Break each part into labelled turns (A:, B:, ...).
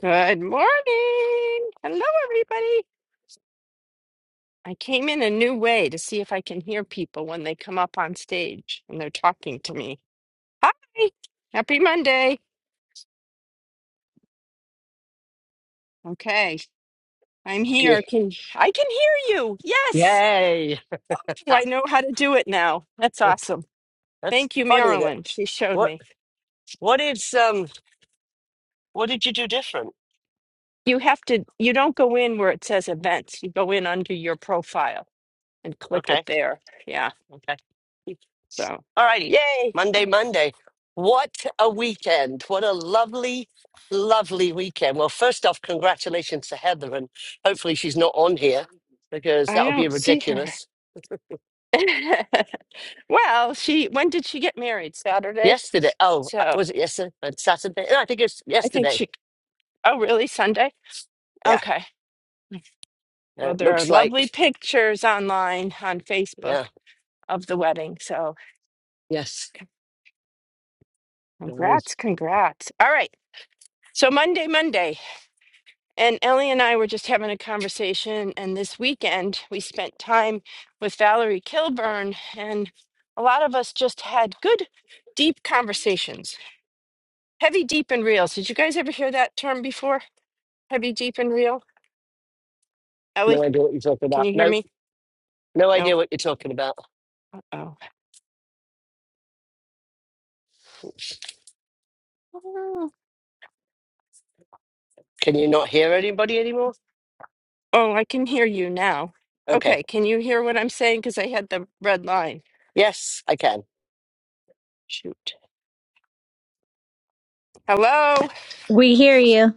A: Good morning. Hello, everybody. I came in a new way to see if I can hear people when they come up on stage and they're talking to me. Hi. Happy Monday. Okay, I'm
B: Yeah.
A: here. Can I can hear you? Yes.
B: Yay!
A: Oh, I
B: Ah,
A: know how to do it now. That's awesome.
B: That's
A: Thank you,
B: funny. That
A: Marilyn. She showed
B: what?
A: me.
B: What is um? What did you do different?
A: You have to you don't go in where it says events. You go in under your profile and click it
B: Okay,
A: there. Yeah.
B: okay.
A: So,
B: All righty.
A: yay.
B: Monday, Monday. What a weekend! What a lovely, lovely weekend. Well, first off, congratulations to Heather, and hopefully she's not on here because
A: I
B: that would be
A: don't see her.
B: ridiculous.
A: well, she when did she get married? Saturday.
B: Yesterday. Oh, uh,
A: So
B: was it yesterday? Uh, Saturday? No, I think it's
A: I think
B: yesterday.
A: she. Oh, really? Sunday?
B: Yeah.
A: Okay.
B: Uh,
A: Well,
B: It
A: there are
B: looks
A: lovely
B: like.
A: pictures online on Facebook
B: Yeah.
A: of the wedding. So
B: Yes. Oh,
A: congrats, congrats. All right. So Monday, Monday, and Ellie and I were just having a conversation, and this weekend we spent time with Valerie Kilburn, and a lot of us just had good, deep conversations. Heavy, deep, and real. So Did you guys ever hear that term before? Heavy, deep, and real.
B: No
A: Ellie,
B: idea what you're talking
A: can
B: about.
A: you hear
B: No.
A: me?
B: No
A: No.
B: idea what you're talking about.
A: Oh. Oh,
B: Can you not hear anybody anymore?
A: Oh, I can hear you now.
B: Okay.
A: Okay, can you hear what I'm saying? Because I had the red line.
B: Yes, I can.
A: Shoot. Hello,
C: We hear you.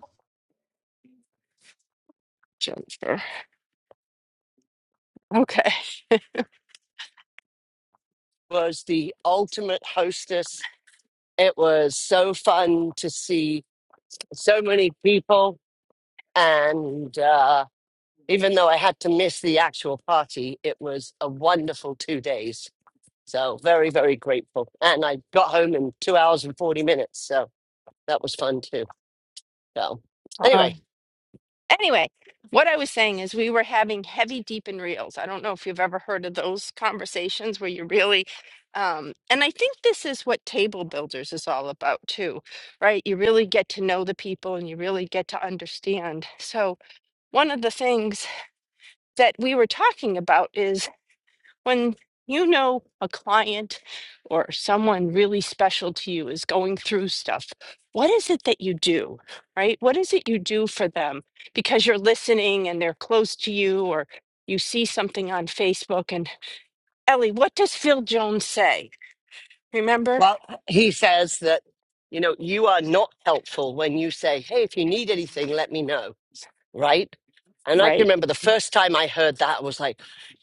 A: Jennifer. Okay.
B: Was the ultimate hostess. It was so fun to see so many people. And uh, even though I had to miss the actual party, it was a wonderful two days. So very, very grateful. And I got home in two hours and 40 minutes. So that was fun too. So anyway,
A: Um, anyway, what I was saying is we were having heavy, deep, and reels. I don't know if you've ever heard of those conversations where you really, um, and I think this is what table builders is all about too, right? You really get to know the people and you really get to understand. So, one of the things that we were talking about is when you know a client or someone really special to you is going through stuff, what is it that you do, right? What is it you do for them? Because you're listening and they're close to you, or you see something on Facebook. And Ellie, what does Phil Jones say? Remember?
B: Well, he says that, you know, you are not helpful when you say, hey, if you need anything, let me know right? And I can
A: Right,
B: remember the first time I heard that, I was like,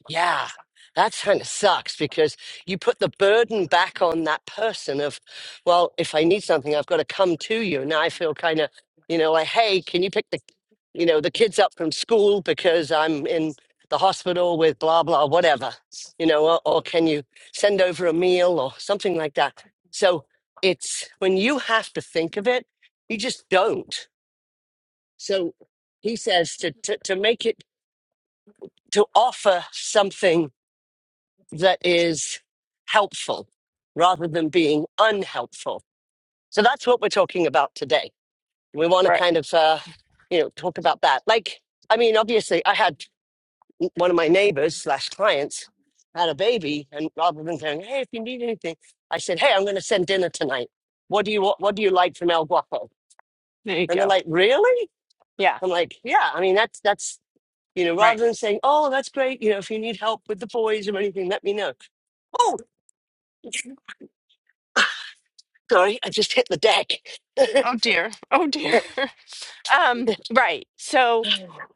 B: yeah, that kind of sucks because you put the burden back on that person of, well, if I need something, I've got to come to you. Now I feel kind of, you know, like, hey, can you pick the, you know, the kids up from school because I'm in the hospital with blah, blah, whatever, you know, or, or can you send over a meal or something like that? So it's when you have to think of it, you just don't. So he says to, to, to make it, to offer something that is helpful rather than being unhelpful. So that's what we're talking about today. We want to
A: right.
B: kind of, uh, you know, talk about that. Like, I mean, obviously, I had one of my neighbors slash clients had a baby, and rather than saying, "Hey, if you need anything," I said, "Hey, I'm going to send dinner tonight. What do you want? What do you like from El Guapo?"
A: There you
B: And they're
A: go.
B: like, "Really?"
A: Yeah,
B: I'm like, "Yeah. I mean, that's that's You know,
A: right.
B: rather than saying, "Oh, that's great," you know, if you need help with the boys or anything, let me know. Oh, sorry, I just hit the deck.
A: Oh dear. Oh dear. Um, right. So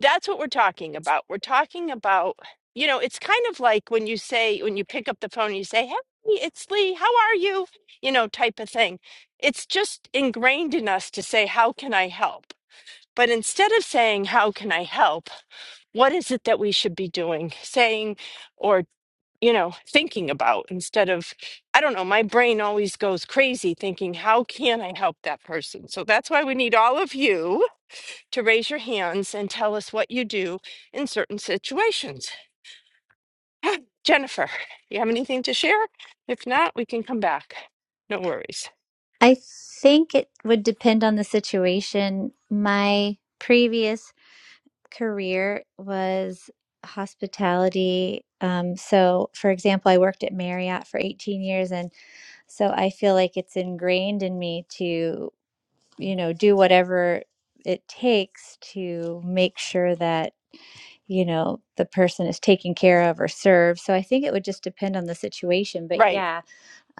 A: that's what we're talking about. We're talking about, you know, it's kind of like when you say, when you pick up the phone and you say, Hey, it's Lee, how are you? You know, type of thing. It's just ingrained in us to say, How can I help? But instead of saying, How can I help? What is it that we should be doing, saying, or you know, thinking about instead of, I don't know, my brain always goes crazy thinking, how can I help that person? So that's why we need all of you to raise your hands and tell us what you do in certain situations. Jennifer, you have anything to share? If not, we can come back. No worries.
C: I think it would depend on the situation. My previous career was hospitality. Um, so, for example, I worked at Marriott for 18 years. And so I feel like it's ingrained in me to, you know, do whatever it takes to make sure that, you know, the person is taken care of or served. So I think it would just depend on the situation. But
A: Right.
C: yeah,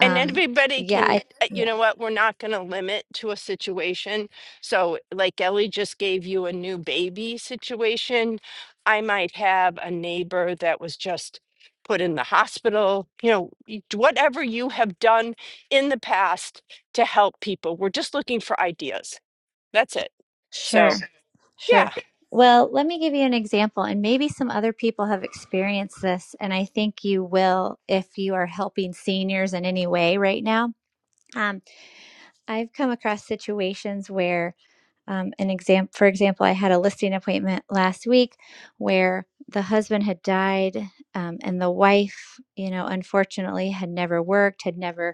A: And everybody
C: yeah,
A: can,
C: I,
A: uh, you
C: yeah,
A: know what? We're not going to limit to a situation. So, like Ellie just gave you a new baby situation. I might have a neighbor that was just put in the hospital, you know, y- whatever you have done in the past to help people. We're just looking for ideas. That's it.
C: sure.
A: So, yeah,
C: Sure. Well, let me give you an example, and maybe some other people have experienced this, and I think you will if you are helping seniors in any way right now. Um, I've come across situations where, um, an exam, for example, I had a listing appointment last week where the husband had died, um, and the wife, you know, unfortunately had never worked, had never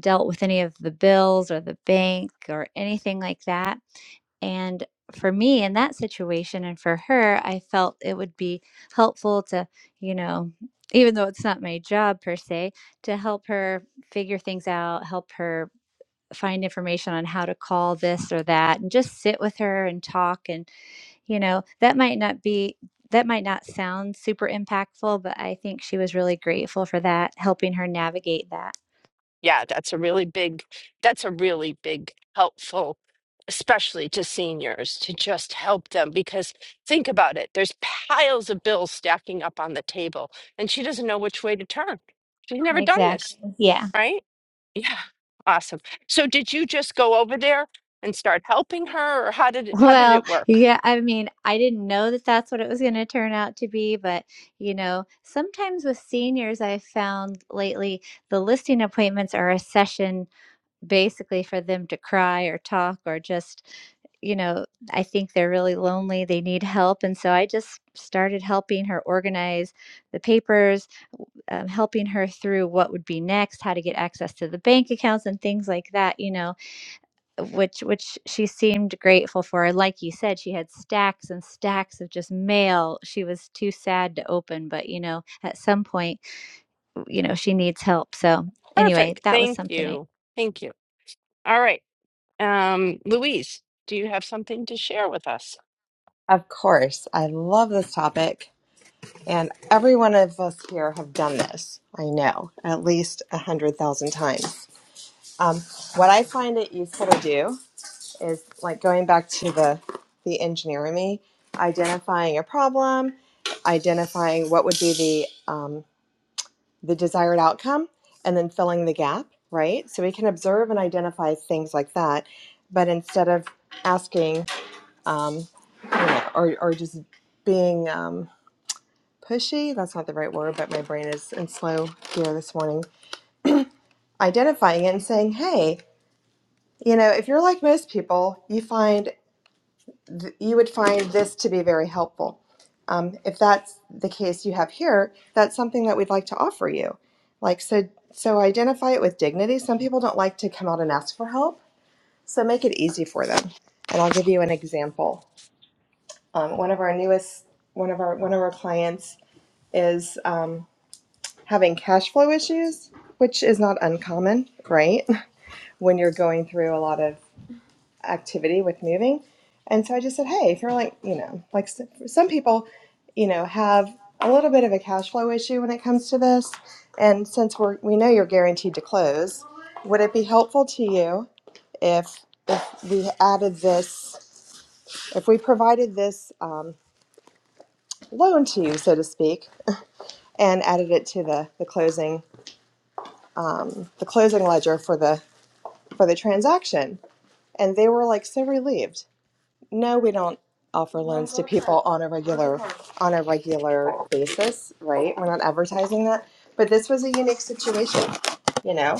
C: dealt with any of the bills or the bank or anything like that. And for me in that situation and for her, I felt it would be helpful to, you know, even though it's not my job per se, to help her figure things out, help her find information on how to call this or that and just sit with her and talk and you know that might not be that might not sound super impactful but i think she was really grateful for that helping her navigate that
A: yeah, that's a really big, that's a really big helpful, especially to seniors, to just help them because think about it. There's piles of bills stacking up on the table, and she doesn't know which way to turn. She's never done this,
C: exactly Yeah.
A: right? Yeah, awesome. So did you just go over there and start helping her, or how did it, how did
C: Well,
A: it work?
C: yeah, I mean, I didn't know that that's what it was going to turn out to be, but you know, sometimes with seniors, I've found lately the listing appointments are a session basically for them to cry or talk or just, you know, I think they're really lonely, they need help. And so I just started helping her organize the papers, um, helping her through what would be next, how to get access to the bank accounts and things like that, you know which which she seemed grateful for. Like you said, she had stacks and stacks of just mail. She was too sad to open, but you know, at some point, you know, she needs help. So anyway,
A: Perfect.
C: that was
A: Thank
C: something I
A: you. Thank you. All right. Um, Louise, do you have something to share with us?
D: Of course. I love this topic. And every one of us here have done this. I know, at least a hundred thousand times. Um, what I find it useful to do is like going back to the the engineer in me, identifying a problem, identifying what would be the um, the desired outcome, and then filling the gap. Right. So we can observe and identify things like that, but instead of asking, um, you know, or or just being um, pushy that's not the right word but my brain is in slow gear this morning identifying it and saying hey you know if you're like most people you find th- you would find this to be very helpful um, if that's the case you have here that's something that we'd like to offer you like so so identify it with dignity some people don't like to come out and ask for help so make it easy for them and i'll give you an example um, one of our newest one of our one of our clients is um, having cash flow issues, which is not uncommon, right? When you're going through a lot of activity with moving. And so I just said, hey, if you're like, you know, like some people, you know, have a little bit of a cash flow issue when it comes to this. And since we're, we know you're guaranteed to close, would it be helpful to you if, if we added this, if we provided this um, loan to you, so to speak, and added it to the, the closing, um, the closing ledger for the for the transaction. And they were like so relieved. No, we don't offer loans to people on a regular on a regular basis, right? We're not advertising that. But this was a unique situation, you know?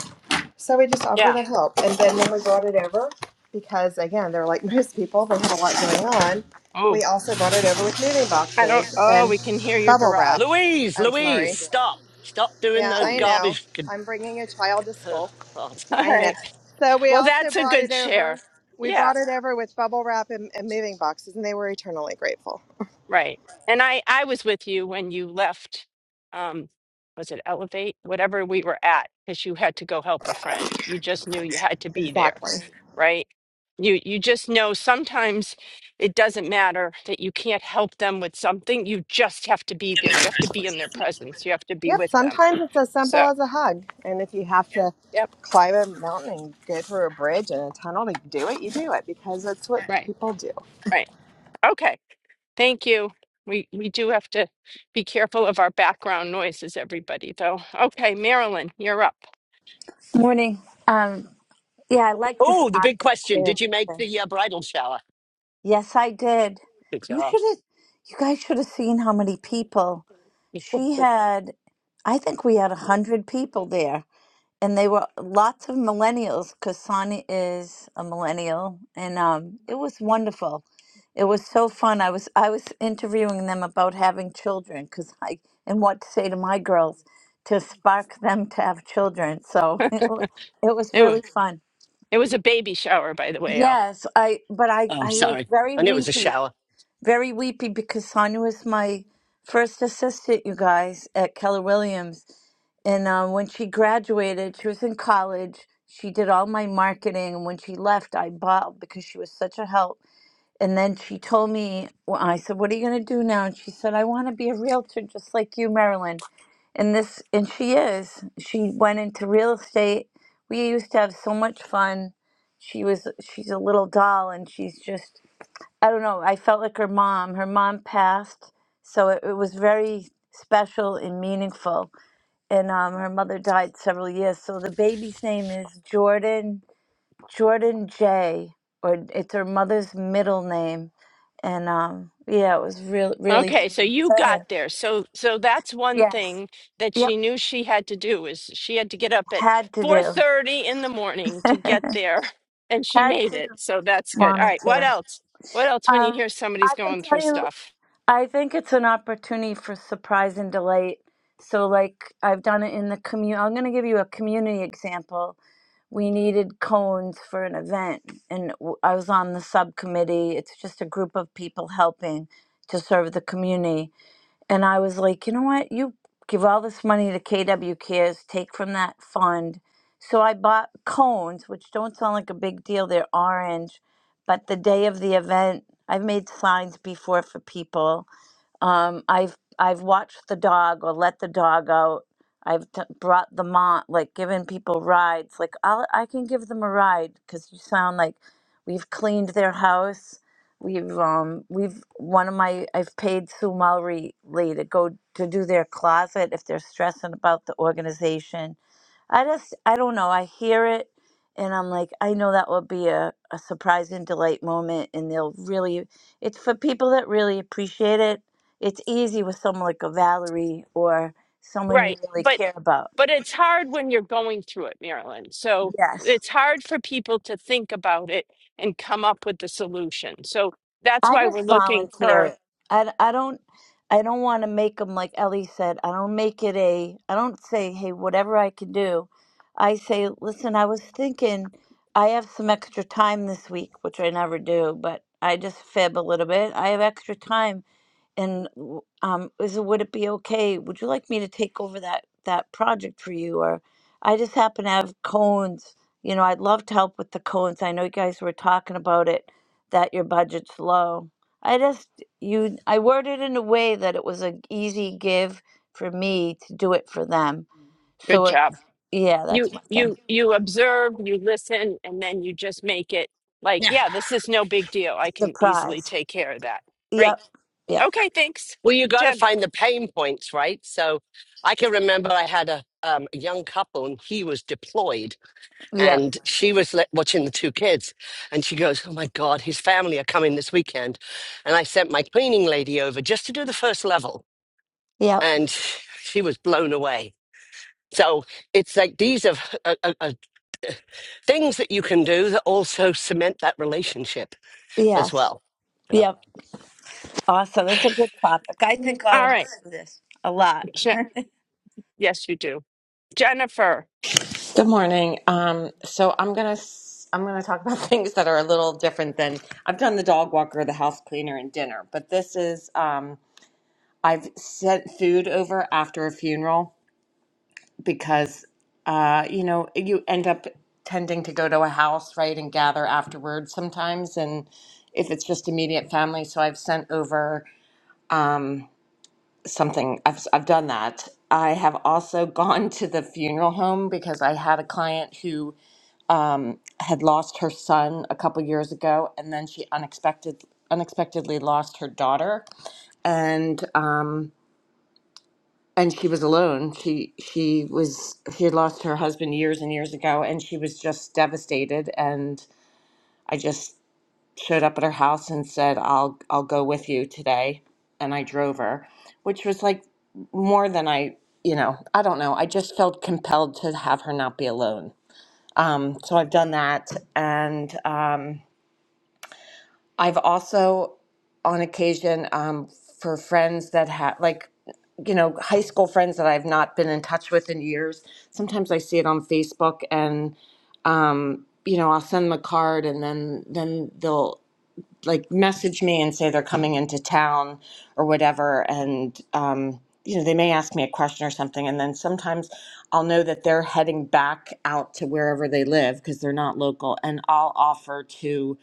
D: So we just offered
A: Yeah.
D: the help. And then when we brought it over, because again, they're like most people, they had a lot going on.
A: Oh,
D: We also brought it over with moving
A: I don't.
D: boxes
A: Oh,
D: and
A: we can hear your
D: bubble wrap.
A: garage.
B: Louise,
D: Oh,
A: We can hear
B: Louise,
A: your
D: sorry.
A: garage.
B: stop, stop doing
D: Yeah,
B: the
D: I know.
B: garbage. con-
D: I'm bringing a child to
B: Ugh,
D: school.
B: God.
A: All
D: I know.
A: right.
D: So we
A: Well,
D: also
A: that's a
D: brought it
A: good share.
D: over. We
A: Yeah.
D: brought it over with bubble wrap and, and moving boxes, and they were eternally grateful.
A: Right. And I I was with you when you left. Um, was it Elevate? Whatever we were at, because you had to go help a friend. You just knew you had to be there,
D: Exactly.
A: right? You you just know sometimes it doesn't matter that you can't help them with something. You just have to be there. You have to be in their presence. You have to be
D: Yep.
A: with them.
D: Sometimes it's as simple
A: So.
D: as a hug, and if you have to
A: Yep.
D: climb a mountain and go through a bridge and a tunnel to do it, you do it because that's what
A: Right.
D: people do.
A: Right. Okay. Thank you. We we do have to be careful of our background noises, everybody, though. Okay, Marilyn, you're up.
E: Morning. Um, yeah, I like this
B: Oh, the big
E: topic
B: question:
E: too
B: Did you make
E: because
B: the uh, bridal shower?
E: yes, I did.
B: Good
E: You
B: job.
E: should have. You guys should have seen how many people she had. I think we had a hundred people there, and they were lots of millennials because Sonia is a millennial, and um, it was wonderful. It was so fun. I was I was interviewing them about having children because I and what to say to my girls to spark them to have children. So it, wa- it was
A: It was,
E: really fun.
A: it was a baby shower, by the way, Al.
E: Yes, I but I
B: Oh,
E: I was
B: sorry,
E: very
B: I knew it was a
E: weepy,
B: shower.
E: very weepy because Sonia was my first assistant, you guys, at Keller Williams. And uh, when she graduated, she was in college. She did all my marketing, and when she left, I bawled because she was such a help. And then she told me, well, I said, "What are you going to do now?" And she said, "I want to be a realtor, just like you, Marilyn." and this and she is she went into real estate we used to have so much fun she was she's a little doll and she's just i don't know i felt like her mom her mom passed so it, it was very special and meaningful and um, her mother died several years so the baby's name is jordan jordan j or it's her mother's middle name and um, yeah it was real really
A: Okay, so
E: sweet
A: you
E: so anyway,
A: got there. So so that's one
E: yes
A: thing that
E: yep
A: she knew she had to do is she had to get up at
E: had to
A: 4:30 in the morning to
E: do
A: get there, and she
E: had
A: made
E: to
A: it. So that's good. All
E: wanted
A: right, what
E: to.
A: else? What else when you
E: Um,
A: hear
E: I
A: somebody's
E: can
A: going through
E: tell you,
A: stuff?
E: I think it's an opportunity for surprise and delight. So, like I've done it in the community. I'm going to give you a community example. We needed cones for an event, and w- I was on the subcommittee. It's just a group of people helping to serve the community. And I was like, you know what? You give all this money to KW Cares, take from that fund. So I bought cones, which don't sound like a big deal. They're orange. But the day of the event, I've made signs before for people. Um, I've I've watched the dog or let the dog out. I've t- brought them on, like given people rides. Like I'll, I can give them a ride because you sound like we've cleaned their house. We've um we've one of my I've paid Sue Mulry Lee to go to do their closet if they're stressing about the organization I just, I don't know. I hear it and I'm like, I know that will be a, a surprise and delight moment. And they'll really, it's for people that really appreciate it. It's easy with someone like a Valerie or someone you
A: Right.
E: really
A: But
E: care about.
A: But it's hard when you're going through it, Marilyn. So
E: Yes.
A: it's hard for people to think about it and come up with the solution. So that's
E: I
A: why we're
E: just
A: looking for
E: volunteer. I, I don't I don't want to make them like Ellie said. I don't make it a. I don't say hey whatever I can do. I say listen. I was thinking I have some extra time this week, which I never do, but I just fib a little bit. I have extra time and w- um, is it- would it be okay? Would you like me to take over that that project for you? Or I just happen to have cones. You know, I'd love to help with the cones. I know you guys were talking about it that your budget's low. I just you I worded in a way that it was an easy give for me to do it for them.
A: good
E: So it,
A: job.
E: yeah, that's
A: You
E: my thing.
A: you you observe, you listen, and then you just make it like,
B: Yeah.
A: yeah, this is no big deal. I can easily
E: Surprise.
A: take care of that. Great.
E: Yep. Yep.
A: Okay, thanks.
B: Well, you got to
A: Jen.
B: find the pain points, right? So, I can remember I had a um, a young couple, and he was deployed
E: Yep.
B: and she was le- watching the two kids and she goes oh my god his family are coming this weekend and i sent my cleaning lady over just to do the first level
E: Yep.
B: and she was blown away so it's like these are, are, are, are things that you can do that also cement that relationship as
E: Yes.
B: well so,
E: Yep. Awesome. It's a good topic. I think all
A: All
E: of
A: right.
E: us do this a lot.
A: Je- yes, you do. Jennifer.
F: Good morning. Um, so I'm gonna s- I'm gonna talk about things that are a little different than I've done the dog walker, the house cleaner, and dinner. But this is um, I've sent food over after a funeral because uh, you know you end up tending to go to a house right and gather afterwards sometimes, and if it's just immediate family, so I've sent over um, something I've, I've done that i have also gone to the funeral home because i had a client who um, had lost her son a couple years ago, and then she unexpected unexpectedly lost her daughter, and um, and she was alone. She she was she had lost her husband years and years ago, and she was just devastated. And I just showed up at her house and said, "I'll I'll go with you today," and I drove her, which was like more than I you know I don't know. I just felt compelled to have her not be alone. Um, so I've done that, and. Um, I've also, on occasion, um, for friends that have, like, you know, high school friends that I've not been in touch with in years, sometimes I see it on Facebook and, um, you know, I'll send them a card and then, then they'll like message me and say they're coming into town or whatever. And, um, you know, they may ask me a question or something. And then sometimes I'll know that they're heading back out to wherever they live because they're not local. And I'll offer to,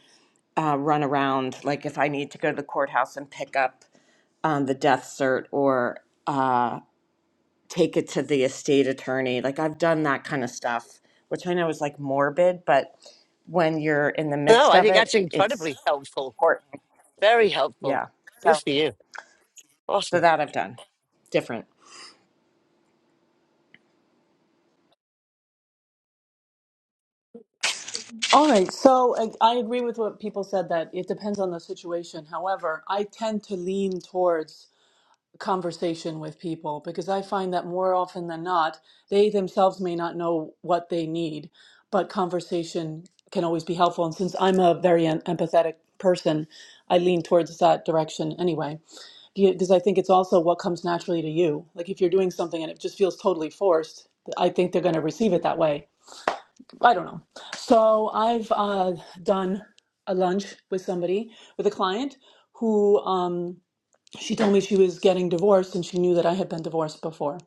F: uh, run around, like if I need to go to the courthouse and pick up um, the death cert or uh, take it to the estate attorney. Like I've done that kind of stuff, which I know is like morbid, but when you're in the
B: no
F: midst
B: i
F: of
B: think that's
F: it, it's
B: incredibly helpful
F: important.
B: very helpful
F: Yeah.
B: good
F: So,
B: for you
F: so
B: awesome
F: that I've done different.
G: All right, so I, I agree with what people said that it depends on the situation. However, I tend to lean towards conversation with people because I find that more often than not, they themselves may not know what they need, but conversation can always be helpful. And since I'm a very em- empathetic person, I lean towards that direction anyway, because I think it's also what comes naturally to you. Like if you're doing something and it just feels totally forced, I think they're going to receive it that way. I don't know. So I've uh, done a lunch with somebody, with a client who um, she told me she was getting divorced and she knew that I had been divorced before.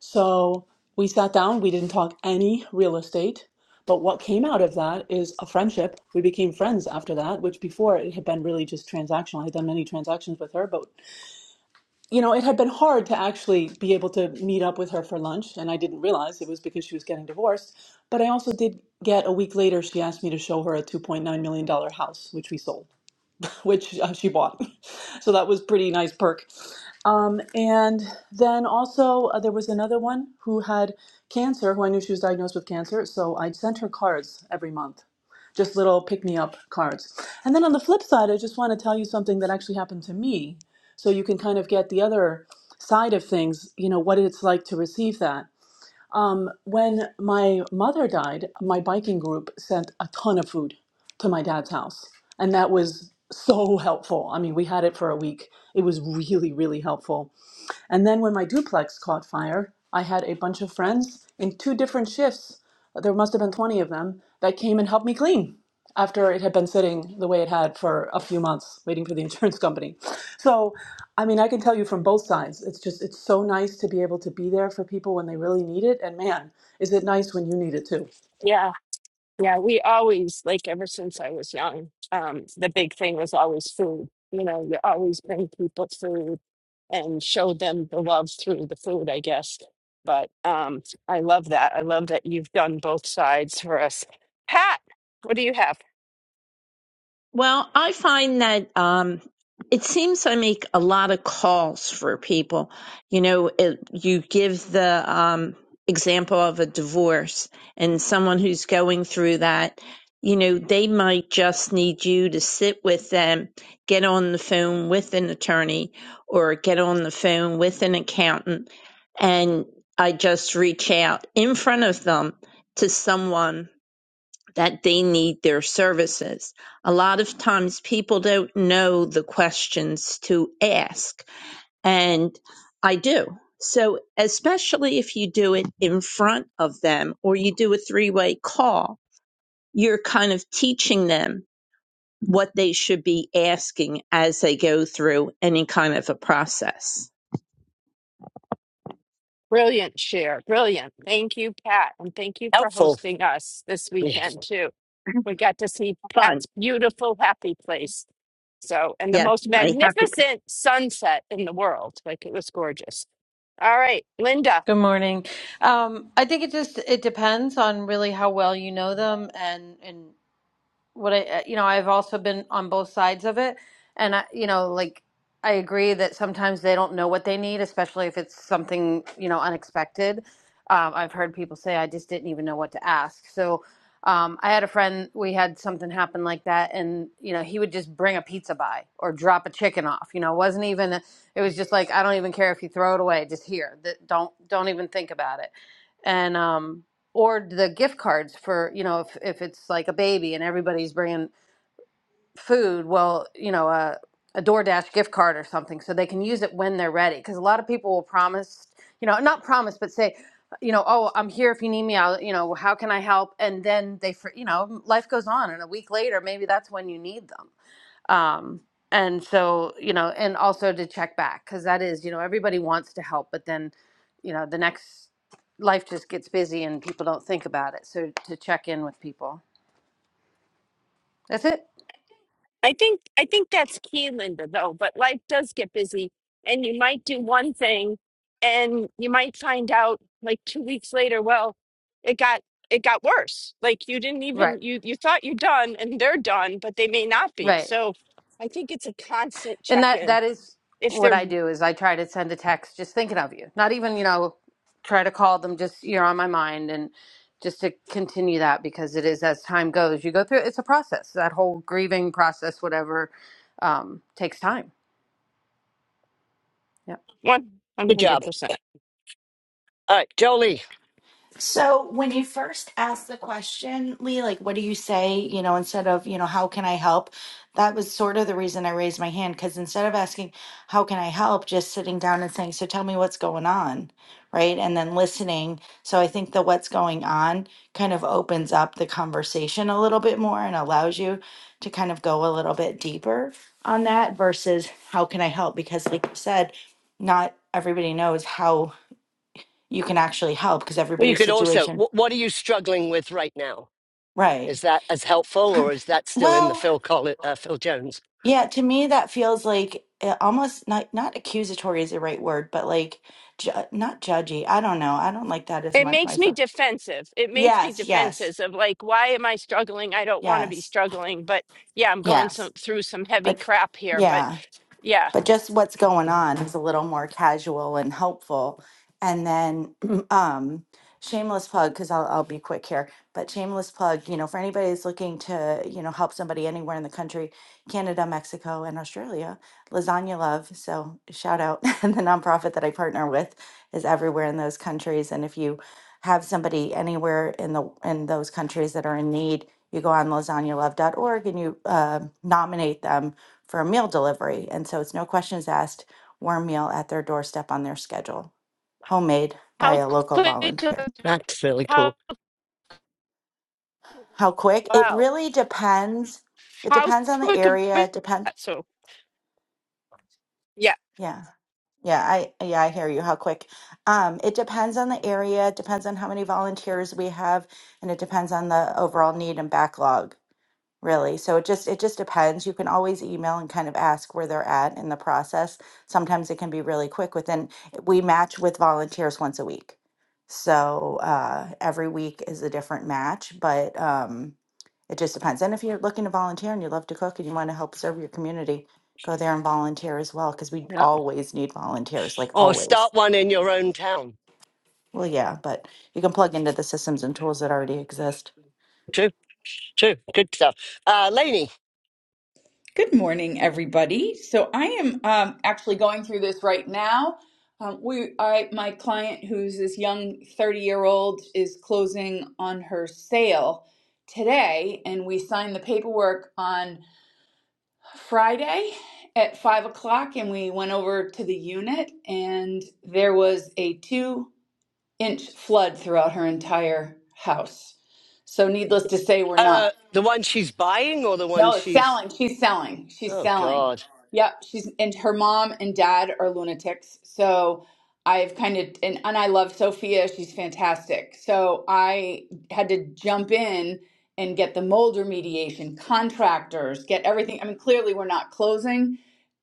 G: So we sat down, we didn't talk any real estate. But what came out of that is a friendship. We became friends after that, which before it had been really just transactional. I had done many transactions with her, but you know, it had been hard to actually be able to meet up with her for lunch, and I didn't realize it was because she was getting divorced. But I also did get a week later, she asked me to show her a $2.9 million dollar house, which we sold, which uh, she bought. so that was pretty nice perk. Um, and then also, uh, there was another one who had cancer, who I knew she was diagnosed with cancer. So I sent her cards every month just little pick me up cards. And then on the flip side, I just want to tell you something that actually happened to me so you can kind of get the other side of things, you know, what it's like to receive that. Um, when my mother died, my biking group sent a ton of food to my dad's house. And that was so helpful. I mean, we had it for a week. It was really, really helpful. And then when my duplex caught fire, I had a bunch of friends in two different shifts. There must have been 20 of them that came and helped me clean after it had been sitting the way it had for a few months waiting for the insurance company. So, I mean, I can tell you from both sides. It's just it's so nice to be able to be there for people when they really need it and man, is it nice when you need it too.
A: Yeah. Yeah, we always, like ever since I was young, um, the big thing was always food. You know, you always bring people food and show them the love through the food, I guess. But um, I love that. I love that you've done both sides for us. Pat, what do you have?
H: Well, I find that um, it seems I make a lot of calls for people. You know, it, you give the um, example of a divorce and someone who's going through that, you know, they might just need you to sit with them, get on the phone with an attorney or get on the phone with an accountant. And I just reach out in front of them to someone that they need their services. A lot of times people don't know the questions to ask, and I do. So, especially if you do it in front of them or you do a three way call, you're kind of teaching them what they should be asking as they go through any kind of a process.
A: Brilliant share. Brilliant. Thank you, Pat. And thank you for
B: helpful
A: hosting us this
B: yes
A: weekend, too. We got to see
H: Fun.
A: Pat's beautiful, happy place. So, and the
H: Yes,
A: most
H: I have it.
A: magnificent sunset in the world. Like it was gorgeous. All right, Linda.
I: Good morning. Um, I think it just it depends on really how well you know them and and what I, uh, you know, I've also been on both sides of it. And I, you know, like I agree that sometimes they don't know what they need, especially if it's something, you know, unexpected. Um, I've heard people say, I just didn't even know what to ask. So um, I had a friend, we had something happen like that. And, you know, he would just bring a pizza by or drop a chicken off. You know, it wasn't even, it was just like, I don't even care if you throw it away, just here. Th- Don't, don't even think about it. And, um, or the gift cards for you know if, if it's like a baby and everybody's bringing food well you know a, a doordash gift card or something so they can use it when they're ready because a lot of people will promise you know not promise but say you know oh i'm here if you need me i'll you know how can i help and then they for you know life goes on and a week later maybe that's when you need them um and so you know and also to check back because that is you know everybody wants to help but then you know the next life just gets busy and people don't think about it so to check in with people that's it
A: I think I think that's key, Linda, though. But life does get busy, and you might do one thing, and you might find out like two weeks later, well, it got it got worse. Like you didn't
I: right
A: even you you thought you're done, and they're done, but they may not be.
I: right
A: So I think it's a constant
I: and
A: check
I: that
A: in.
I: that is
A: If
I: what
A: they're
I: i do is i try to send a text just thinking of you not even you know try to call them just you're on my mind and just to continue that because it is as time goes you go through it's a process that whole grieving process whatever um, takes time
A: one one
B: good
A: hundred
B: job
A: percent,
B: all right jolie
J: So when you first asked the question, Lee, like, what do you say? You know, instead of, you know, how can I help? That was sort of the reason I raised my hand because instead of asking, how can I help? Just sitting down and saying, so tell me what's going on. Right. And then listening. So I think the what's going on kind of opens up the conversation a little bit more and allows you to kind of go a little bit deeper on that versus how can I help? Because, like you said, not everybody knows how you can actually help because
B: well you
J: everybody's
B: could also
J: situation
B: wh- what are you struggling with right now
J: Right.
B: Is that as helpful, or is that still in the
J: Well,
B: Phil Colli uh, Phil Jones?
J: yeah, to me that feels like uh, almost not not accusatory is the right word, but like ju not judgy. I don't know. I don't like that as
A: it
J: much
A: makes me
J: myself.
A: defensive. It makes me
J: Yes, yes,
A: defensive of like, why am I struggling? I don't want to be
J: yes,
A: struggling, but yeah, I'm going
J: yes.
A: some through some heavy
J: But
A: crap here, but.
J: yeah.
A: Yeah,
J: but just what's going on is a little more casual and helpful. And then, um, shameless plug because I'll, I'll be quick here, but shameless plug, you know, for anybody that's looking to, you know, help somebody anywhere in the country, Canada, Mexico, and Australia, Lasagna Love. So shout out the nonprofit that I partner with is everywhere in those countries. And if you have somebody anywhere in the in those countries that are in need, you go on lasagnalove.org and you uh, nominate them for a meal delivery. And so it's no questions asked, warm meal at their doorstep on their schedule, homemade by
A: How
J: a local
A: quick of
J: volunteer.
A: a
B: That's really
A: how
B: cool.
J: How quick? It
A: wow.
J: really depends. It
A: How
J: depends on the
A: quick of
J: area.
A: a
J: It depends.
A: so yeah.
J: Yeah. Yeah, I yeah, I hear you. How quick? Um, it depends on the area, it depends on how many volunteers we have, and it depends on the overall need and backlog. really so it just it just depends you can always email and kind of ask where they're at in the process sometimes it can be really quick within we match with volunteers once a week so uh, every week is a different match but um, it just depends and if you're looking to volunteer and you love to cook and you want to help serve your community go there and volunteer as well because we
B: Yeah.
J: always need volunteers like
B: Or
J: always
B: start one in your own town.
J: well yeah but you can plug into the systems and tools that already exist
B: True, true, good stuff. Uh, Lainey,
K: Good morning, everybody. So I am um, actually going through this right now. Um, we, I, my client, who's this young 30-year-old, is closing on her sale today, and we signed the paperwork on Friday at five o'clock, and we went over to the unit, and there was a two-inch flood throughout her entire house. So, needless to say, we're not
B: uh, the one she's buying or the one
K: no,
B: she's?
K: selling. She's selling. She's
B: Oh
K: selling.
B: God,
K: Yep. She's and her mom and dad are lunatics. So I've kind of and, and I love Sophia. She's fantastic. So I had to jump in and get the Mulder mediation, contractors, get everything. I mean, clearly we're not closing,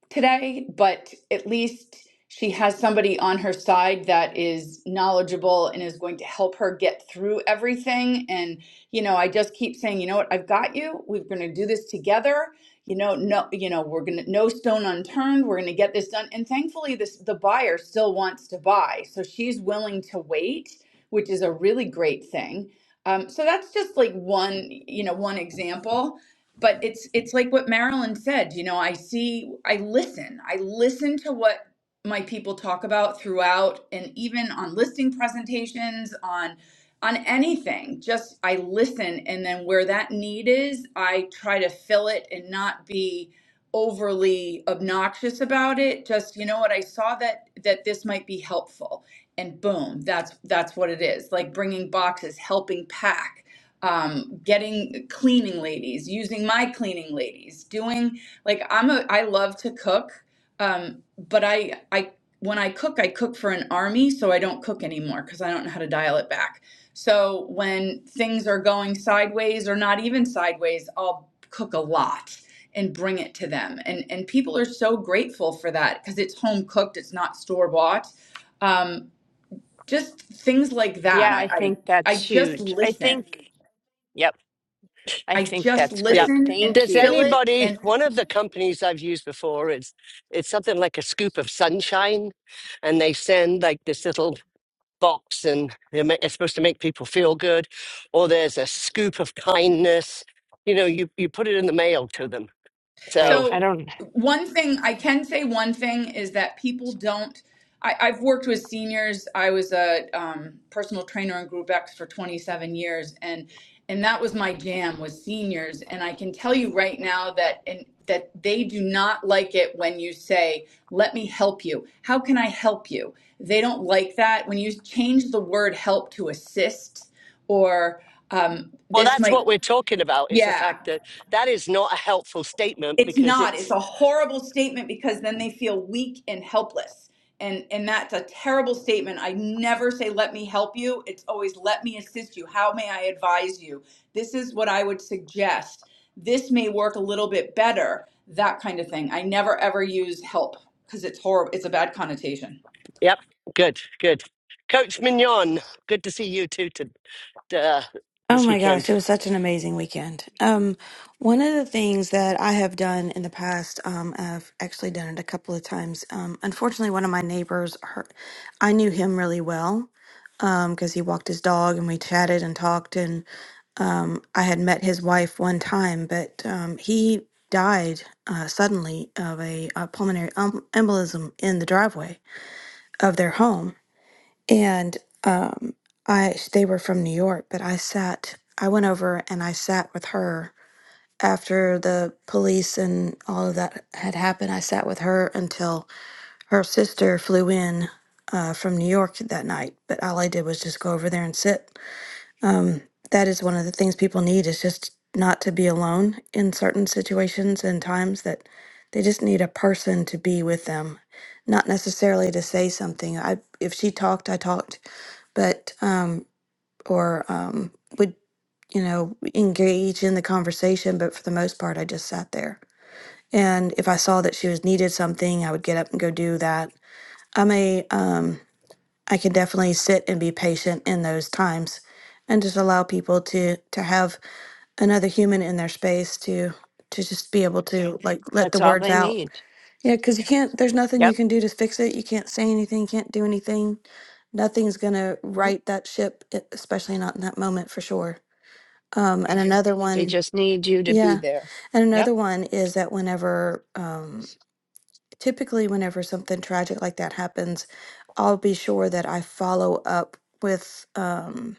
K: today, but at least she has somebody on her side that is knowledgeable and is going to help her get through everything. And, you know, I just keep saying, you know what, I've got you. We're going to do this together. You know, no, you know, we're going to, no stone unturned. We're going to get this done. And thankfully, this, the buyer still wants to buy. So she's willing to wait, which is a really great thing. Um, so that's just like one, you know, one example but it's it's like what Marilyn said, you know, I see I listen. I listen to what my people talk about throughout and even on listing presentations on on anything. Just I listen and then where that need is, I try to fill it and not be overly obnoxious about it. Just you know what I saw that that this might be helpful and boom, that's that's what it is. Like bringing boxes, helping pack um getting cleaning ladies using my cleaning ladies doing like i'm a i love to cook um but i i when i cook i cook for an army so i don't cook anymore because i don't know how to dial it back so when things are going sideways or not even sideways i'll cook a lot and bring it to them and and people are so grateful for that because it's home cooked it's not store bought um just things like that
A: Yeah, I
K: i
A: think
K: i, I
A: that's
K: just
A: huge. I
K: listen
A: think yep, I
K: I
A: think
K: just
A: that's
B: yeah.
A: great.
K: listen and
A: Thank
B: Does
K: fill
A: you.
K: it.
B: anybody?
K: And
B: One of the companies I've used before is it's something like a scoop of sunshine, and they send like this little box and they're, ma- it's supposed to make people feel good, or there's a scoop of kindness. You know, you, you put it in the mail to them.
A: Right.
B: So,
A: I
K: so,
A: don't
K: one thing I can say, one thing is that people don't. I, I've worked with seniors. I was a um, personal trainer in Group X for 27 years, and and that was my jam was seniors. And I can tell you right now that and that they do not like it when you say, "Let me help you." How can I help you? They don't like that when you change the word "help" to "assist" or um,
B: well,
K: this
B: that's
K: might.
B: what we're talking about is the
K: Yeah,
B: fact that that is not a helpful statement
K: It's
B: because
K: not. It's
B: it's,
K: a horrible statement because then they feel weak and helpless. And and that's a terrible statement. I never say let me help you. It's always let me assist you. How may I advise you? This is what I would suggest. This may work a little bit better. That kind of thing. I never ever use help because it's horrible. It's a bad connotation.
B: yep, good, good. Coach Mignon, good to see you too to, uh,
L: Oh
B: this
L: my gosh,
B: weekend.
L: it was such an amazing weekend. Um, one of the things that I have done in the past, um, I've actually done it a couple of times. Um, unfortunately, one of my neighbors, her, I knew him really well um, because he walked his dog and we chatted and talked. And I had met his wife one time, but um, he died uh, suddenly of a, uh pulmonary um, embolism in the driveway of their home and um, I they were from New York, but I sat. I went over and I sat with her after the police and all of that had happened. I sat with her until her sister flew in uh, from New York that night. But all I did was just go over there and sit. Um, that is one of the things people need is just not to be alone in certain situations and times that they just need a person to be with them not necessarily to say something i if she talked i talked but um or um would you know engage in the conversation but for the most part i just sat there and if i saw that she was needed something i would get up and go do that i'm a um i can definitely sit and be patient in those times and just allow people to to have another human in their space to to just be able to like let the
A: that's all
L: words
A: they
L: out
A: need.
L: yeah, because you can't, there's nothing you
A: Yep.
L: can do to fix it. You can't say anything, can't do anything. Nothing's going to
A: Nope.
L: right that ship, e- especially not in that moment for sure. Um, and another
A: They
L: one,
A: just need you to be
L: yeah.
A: there.
L: And
A: Yep.
L: another one is that whenever, um, typically whenever something tragic like that happens i'll be sure that i follow up with um,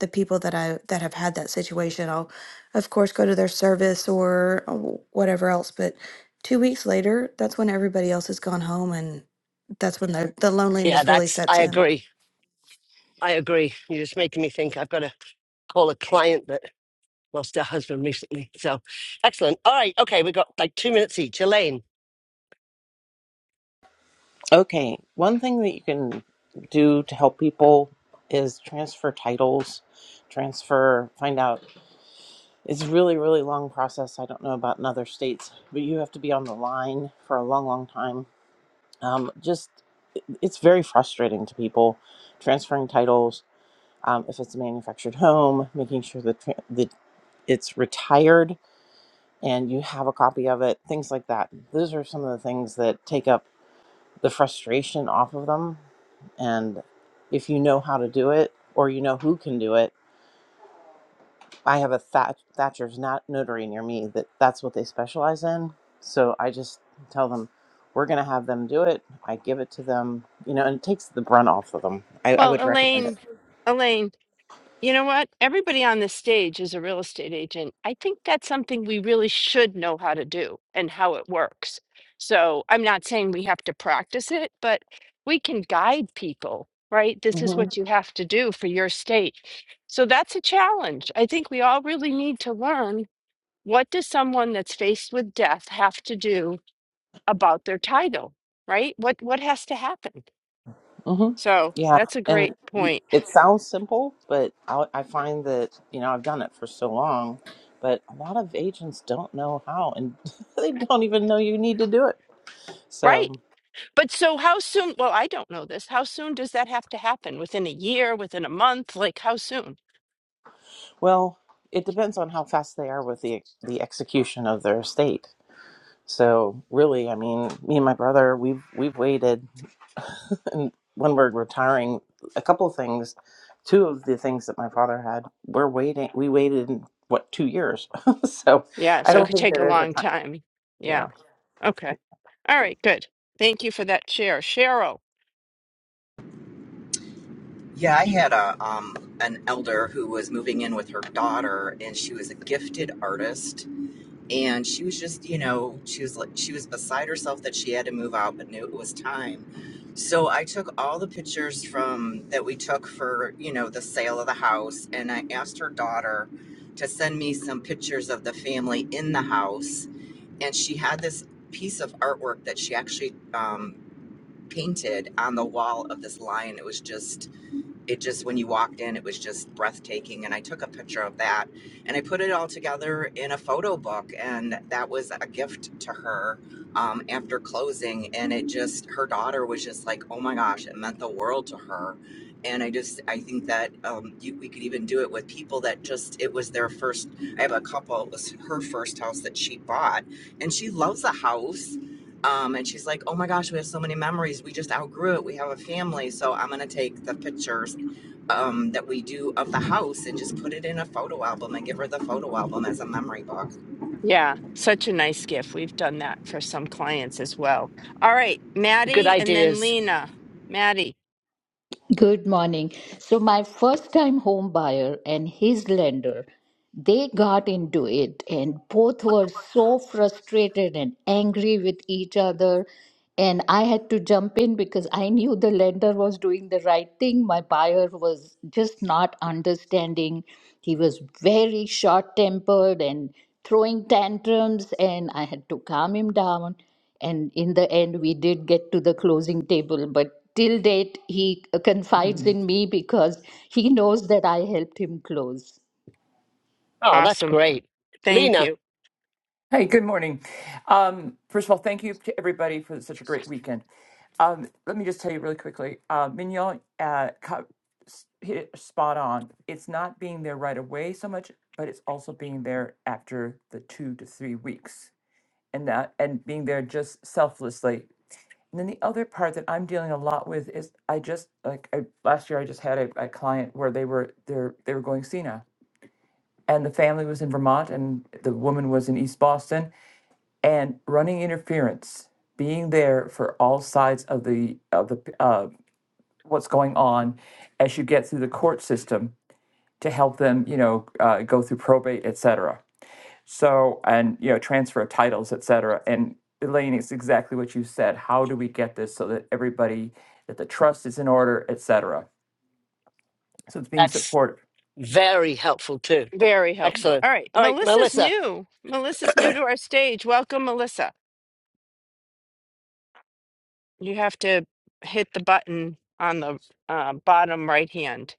L: the people that i that have had that situation i'll of course go to their service or uh, whatever else but two weeks later that's when everybody else has gone home and that's when the, the
B: Yeah,
L: loneliness really
B: that's,
L: sets
B: I
L: in
B: agree. I agree. You're just making me think I've got to call a client that Lost her husband recently. So excellent. All right. Okay. We've got like two minutes each. Elaine.
M: Okay, one thing that you can do to help people is transfer titles, transfer, find out. It's really, really long process. I don't know about in other states, but you have to be on the line for a long, long time. Um, just, it's very frustrating to people transferring titles. Um, if it's a manufactured home, making sure that tra- the it's retired and you have a copy of it, things like that. Those are some of the things that take up the frustration off of them. And if you know how to do it or you know who can do it, I have a that Thatcher's not notary near me that that's what they specialize in. So I just tell them, we're going to have them do it. I give it to them, you know, and it takes the brunt off of them. I, I
A: Well,
M: would recommend it.
A: Elaine, Elaine, You know what? Everybody on this stage is a real estate agent. I think that's something we really should know how to do and how it works. So I'm not saying we have to practice it, but we can guide people, right? This is
M: hmm
A: what you have to do for your state. So that's a challenge. I think we all really need to learn what does someone that's faced with death have to do about their title, right? What what has to happen?
M: hmm
A: So
M: Yeah.
A: that's a great
M: And
A: point.
M: it sounds simple, but I, I find that, you know, I've done it for so long, but a lot of agents don't know how and they don't even know you need to do it.
A: Right.
M: So,
A: But so how soon? Well, I don't know this. How soon does that have to happen? Within a year, within a month? Like how soon?
M: well, it depends on how fast they are with the the execution of their estate. So, really, I mean, me and my brother, we've we've waited, and when we're retiring, a couple of things, two of the things that my father had, we're waiting. We waited what two years? so,
A: Yeah,
M: I
A: so it
M: don't
A: could
M: think
A: take a
M: there is a
A: long
M: time.
A: time.
M: Yeah.
A: Yeah. Okay. All right, good. Thank you for that share. Cheryl.
N: Yeah, I had a um an elder who was moving in with her daughter and she was a gifted artist and she was just, you know, she was like she was beside herself that she had to move out but knew it was time. So I took all the pictures from that we took for, you know, the sale of the house and I asked her daughter to send me some pictures of the family in the house and she had this piece of artwork that she actually um painted on the wall of this lion. It was just it just when you walked in it was just breathtaking and i took a picture of that and i put it all together in a photo book and that was a gift to her um, after closing and it just her daughter was just like oh my gosh it meant the world to her and i just i think that um, you, we could even do it with people that just it was their first i have a couple it was her first house that she bought and she loves the house um, and she's like, "Oh my gosh, we have so many memories. We just outgrew it. We have a family, so I'm gonna take the pictures um, that we do of the house and just put it in a photo album and give her the photo album as a memory book."
A: Yeah, such a nice gift. We've done that for some clients as well. All right,
B: Good
A: Maddie and then
B: ideas.
A: Lena. Maddie.
O: Good morning. So my first time home buyer and his lender they got into it and both were so frustrated and angry with each other and i had to jump in because i knew the lender was doing the right thing my buyer was just not understanding he was very short tempered and throwing tantrums and i had to calm him down and in the end we did get to the closing table but till date he confides in me because he knows that i helped him close
B: Oh, that's
A: Awesome.
B: great.
A: Thank
B: Lena,
A: you.
P: Hey, good morning. Um, first of all, thank you to everybody for such a great weekend. Um, let me just tell you really quickly, uh, Mignon uh, co- s- hit it spot on. It's not being there right away so much, but it's also being there after the two to three weeks, and that and being there just selflessly. And then the other part that I'm dealing a lot with is I just like I, last year I just had a, a client where they were they they were going senile, and the family was in Vermont, and the woman was in East Boston, and running interference, being there for all sides of the of the uh, what's going on as you get through the court system to help them, you know, uh, go through probate, et cetera. So, and you know, transfer of titles, et cetera. And Elaine, it's exactly what you said. How do we get this so that everybody that the trust is in order, et cetera? So it's being
B: that's
P: support
B: very helpful too.
A: Very helpful.
B: Excellent.
A: All right.
B: All right,
A: Melissa's
B: Melissa.
A: new. Melissa's new to our stage. Welcome, Melissa. You have to hit the button on the uh, bottom right hand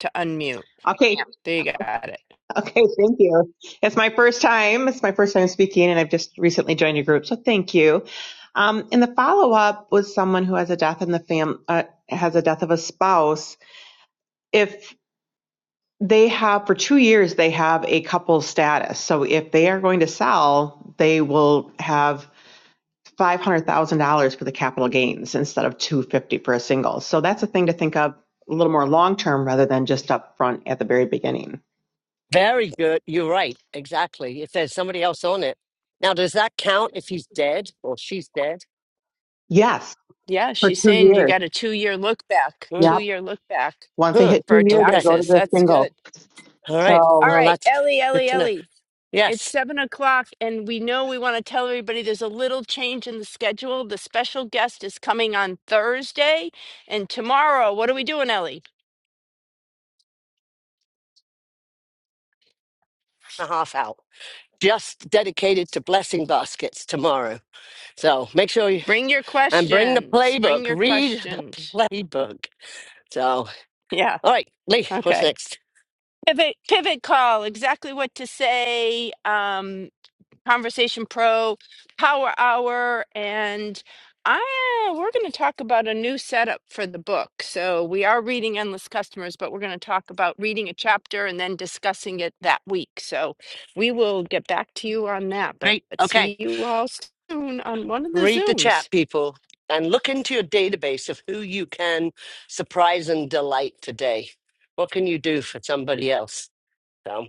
A: to unmute.
Q: Okay.
A: There you got it.
Q: Okay. Thank you. It's my first time. It's my first time speaking, and I've just recently joined your group, so thank you. Um, and the follow up was someone who has a death in the fam uh, has a death of a spouse. If they have for two years, they have a couple status. So if they are going to sell, they will have five hundred thousand dollars for the capital gains instead of two fifty for a single. So that's a thing to think of a little more long term rather than just up front at the very beginning.
B: Very good. You're right. Exactly. If there's somebody else on it. Now, does that count if he's dead or she's dead?
Q: Yes,
A: Yeah,
Q: for
A: she's
Q: two
A: saying you
Q: years.
A: got a two year look back,
Q: Yes.
B: Mm,
A: two year look back
Q: Once I
B: huh.
Q: hit
A: for
Q: two, it
B: Okay.
A: taxes.
Q: was a
A: That's
Q: single.
A: good.
B: All right.
Q: So
A: All
B: Well,
A: right,
B: that's
A: Ellie,
B: good
A: Ellie,
B: to know.
A: Ellie. It's
B: Yes.
A: seven o'clock, and we know we want to tell everybody there's a little change in the schedule. The special guest is coming on Thursday, and tomorrow, what are we doing, Ellie?
B: And a half out. Just dedicated to blessing baskets tomorrow. So make sure you
A: Bring your
B: and bring the
A: questions. Bring
B: playbook.
A: your
B: Read the
A: questions.
B: playbook. So,
A: Yeah.
B: all right, Lee, what's
A: Okay.
B: next?
A: Pivot, pivot call, exactly what to say. Um, Conversation Pro, Power Hour, and I uh, we're going to talk about a new setup for the book. So we are reading Endless Customers, but we're going to talk about reading a chapter and then discussing it that week. So we will get back to you on that. But
B: Great. Okay.
A: see you all soon on one of the
B: Read the
A: Zooms.
B: chat, people, and look into your database of who you can surprise and delight today. What can you do for somebody else? So,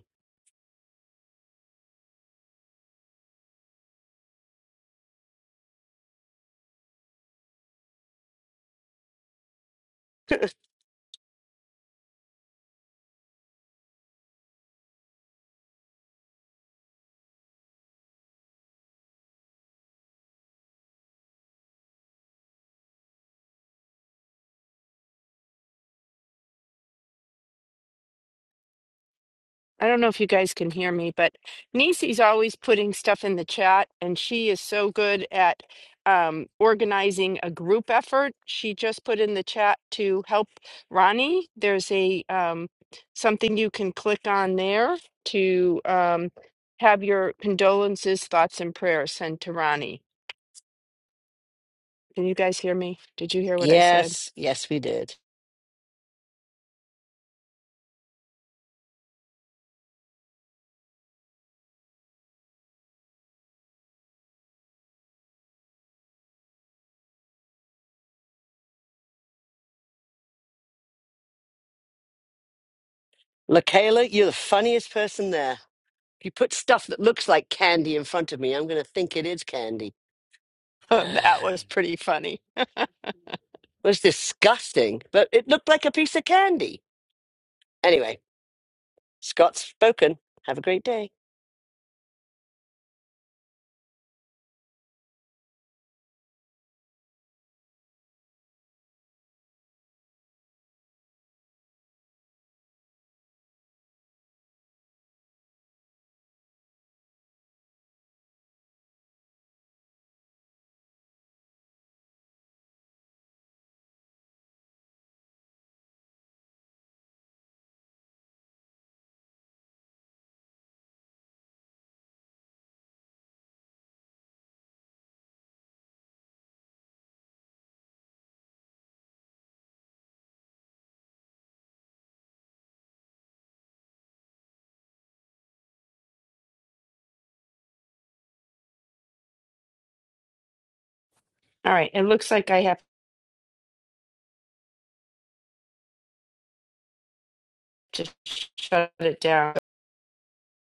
A: I don't know if you guys can hear me, but Nisi's always putting stuff in the chat, and she is so good at um, organizing a group effort. She just put in the chat to help Ronnie. There's a um, something you can click on there to um, have your condolences, thoughts, and prayers sent to Ronnie. Can you guys hear me? Did you hear what I said?
B: yes, yes, we did. LaKayla, you're the funniest person there. If you put stuff that looks like candy in front of me, I'm going to think it is candy. it
A: that was pretty funny. All
B: was disgusting, but it looked like a piece of candy. Anyway, Scott's spoken. Have a great day.
A: right, it looks like I have to shut it down.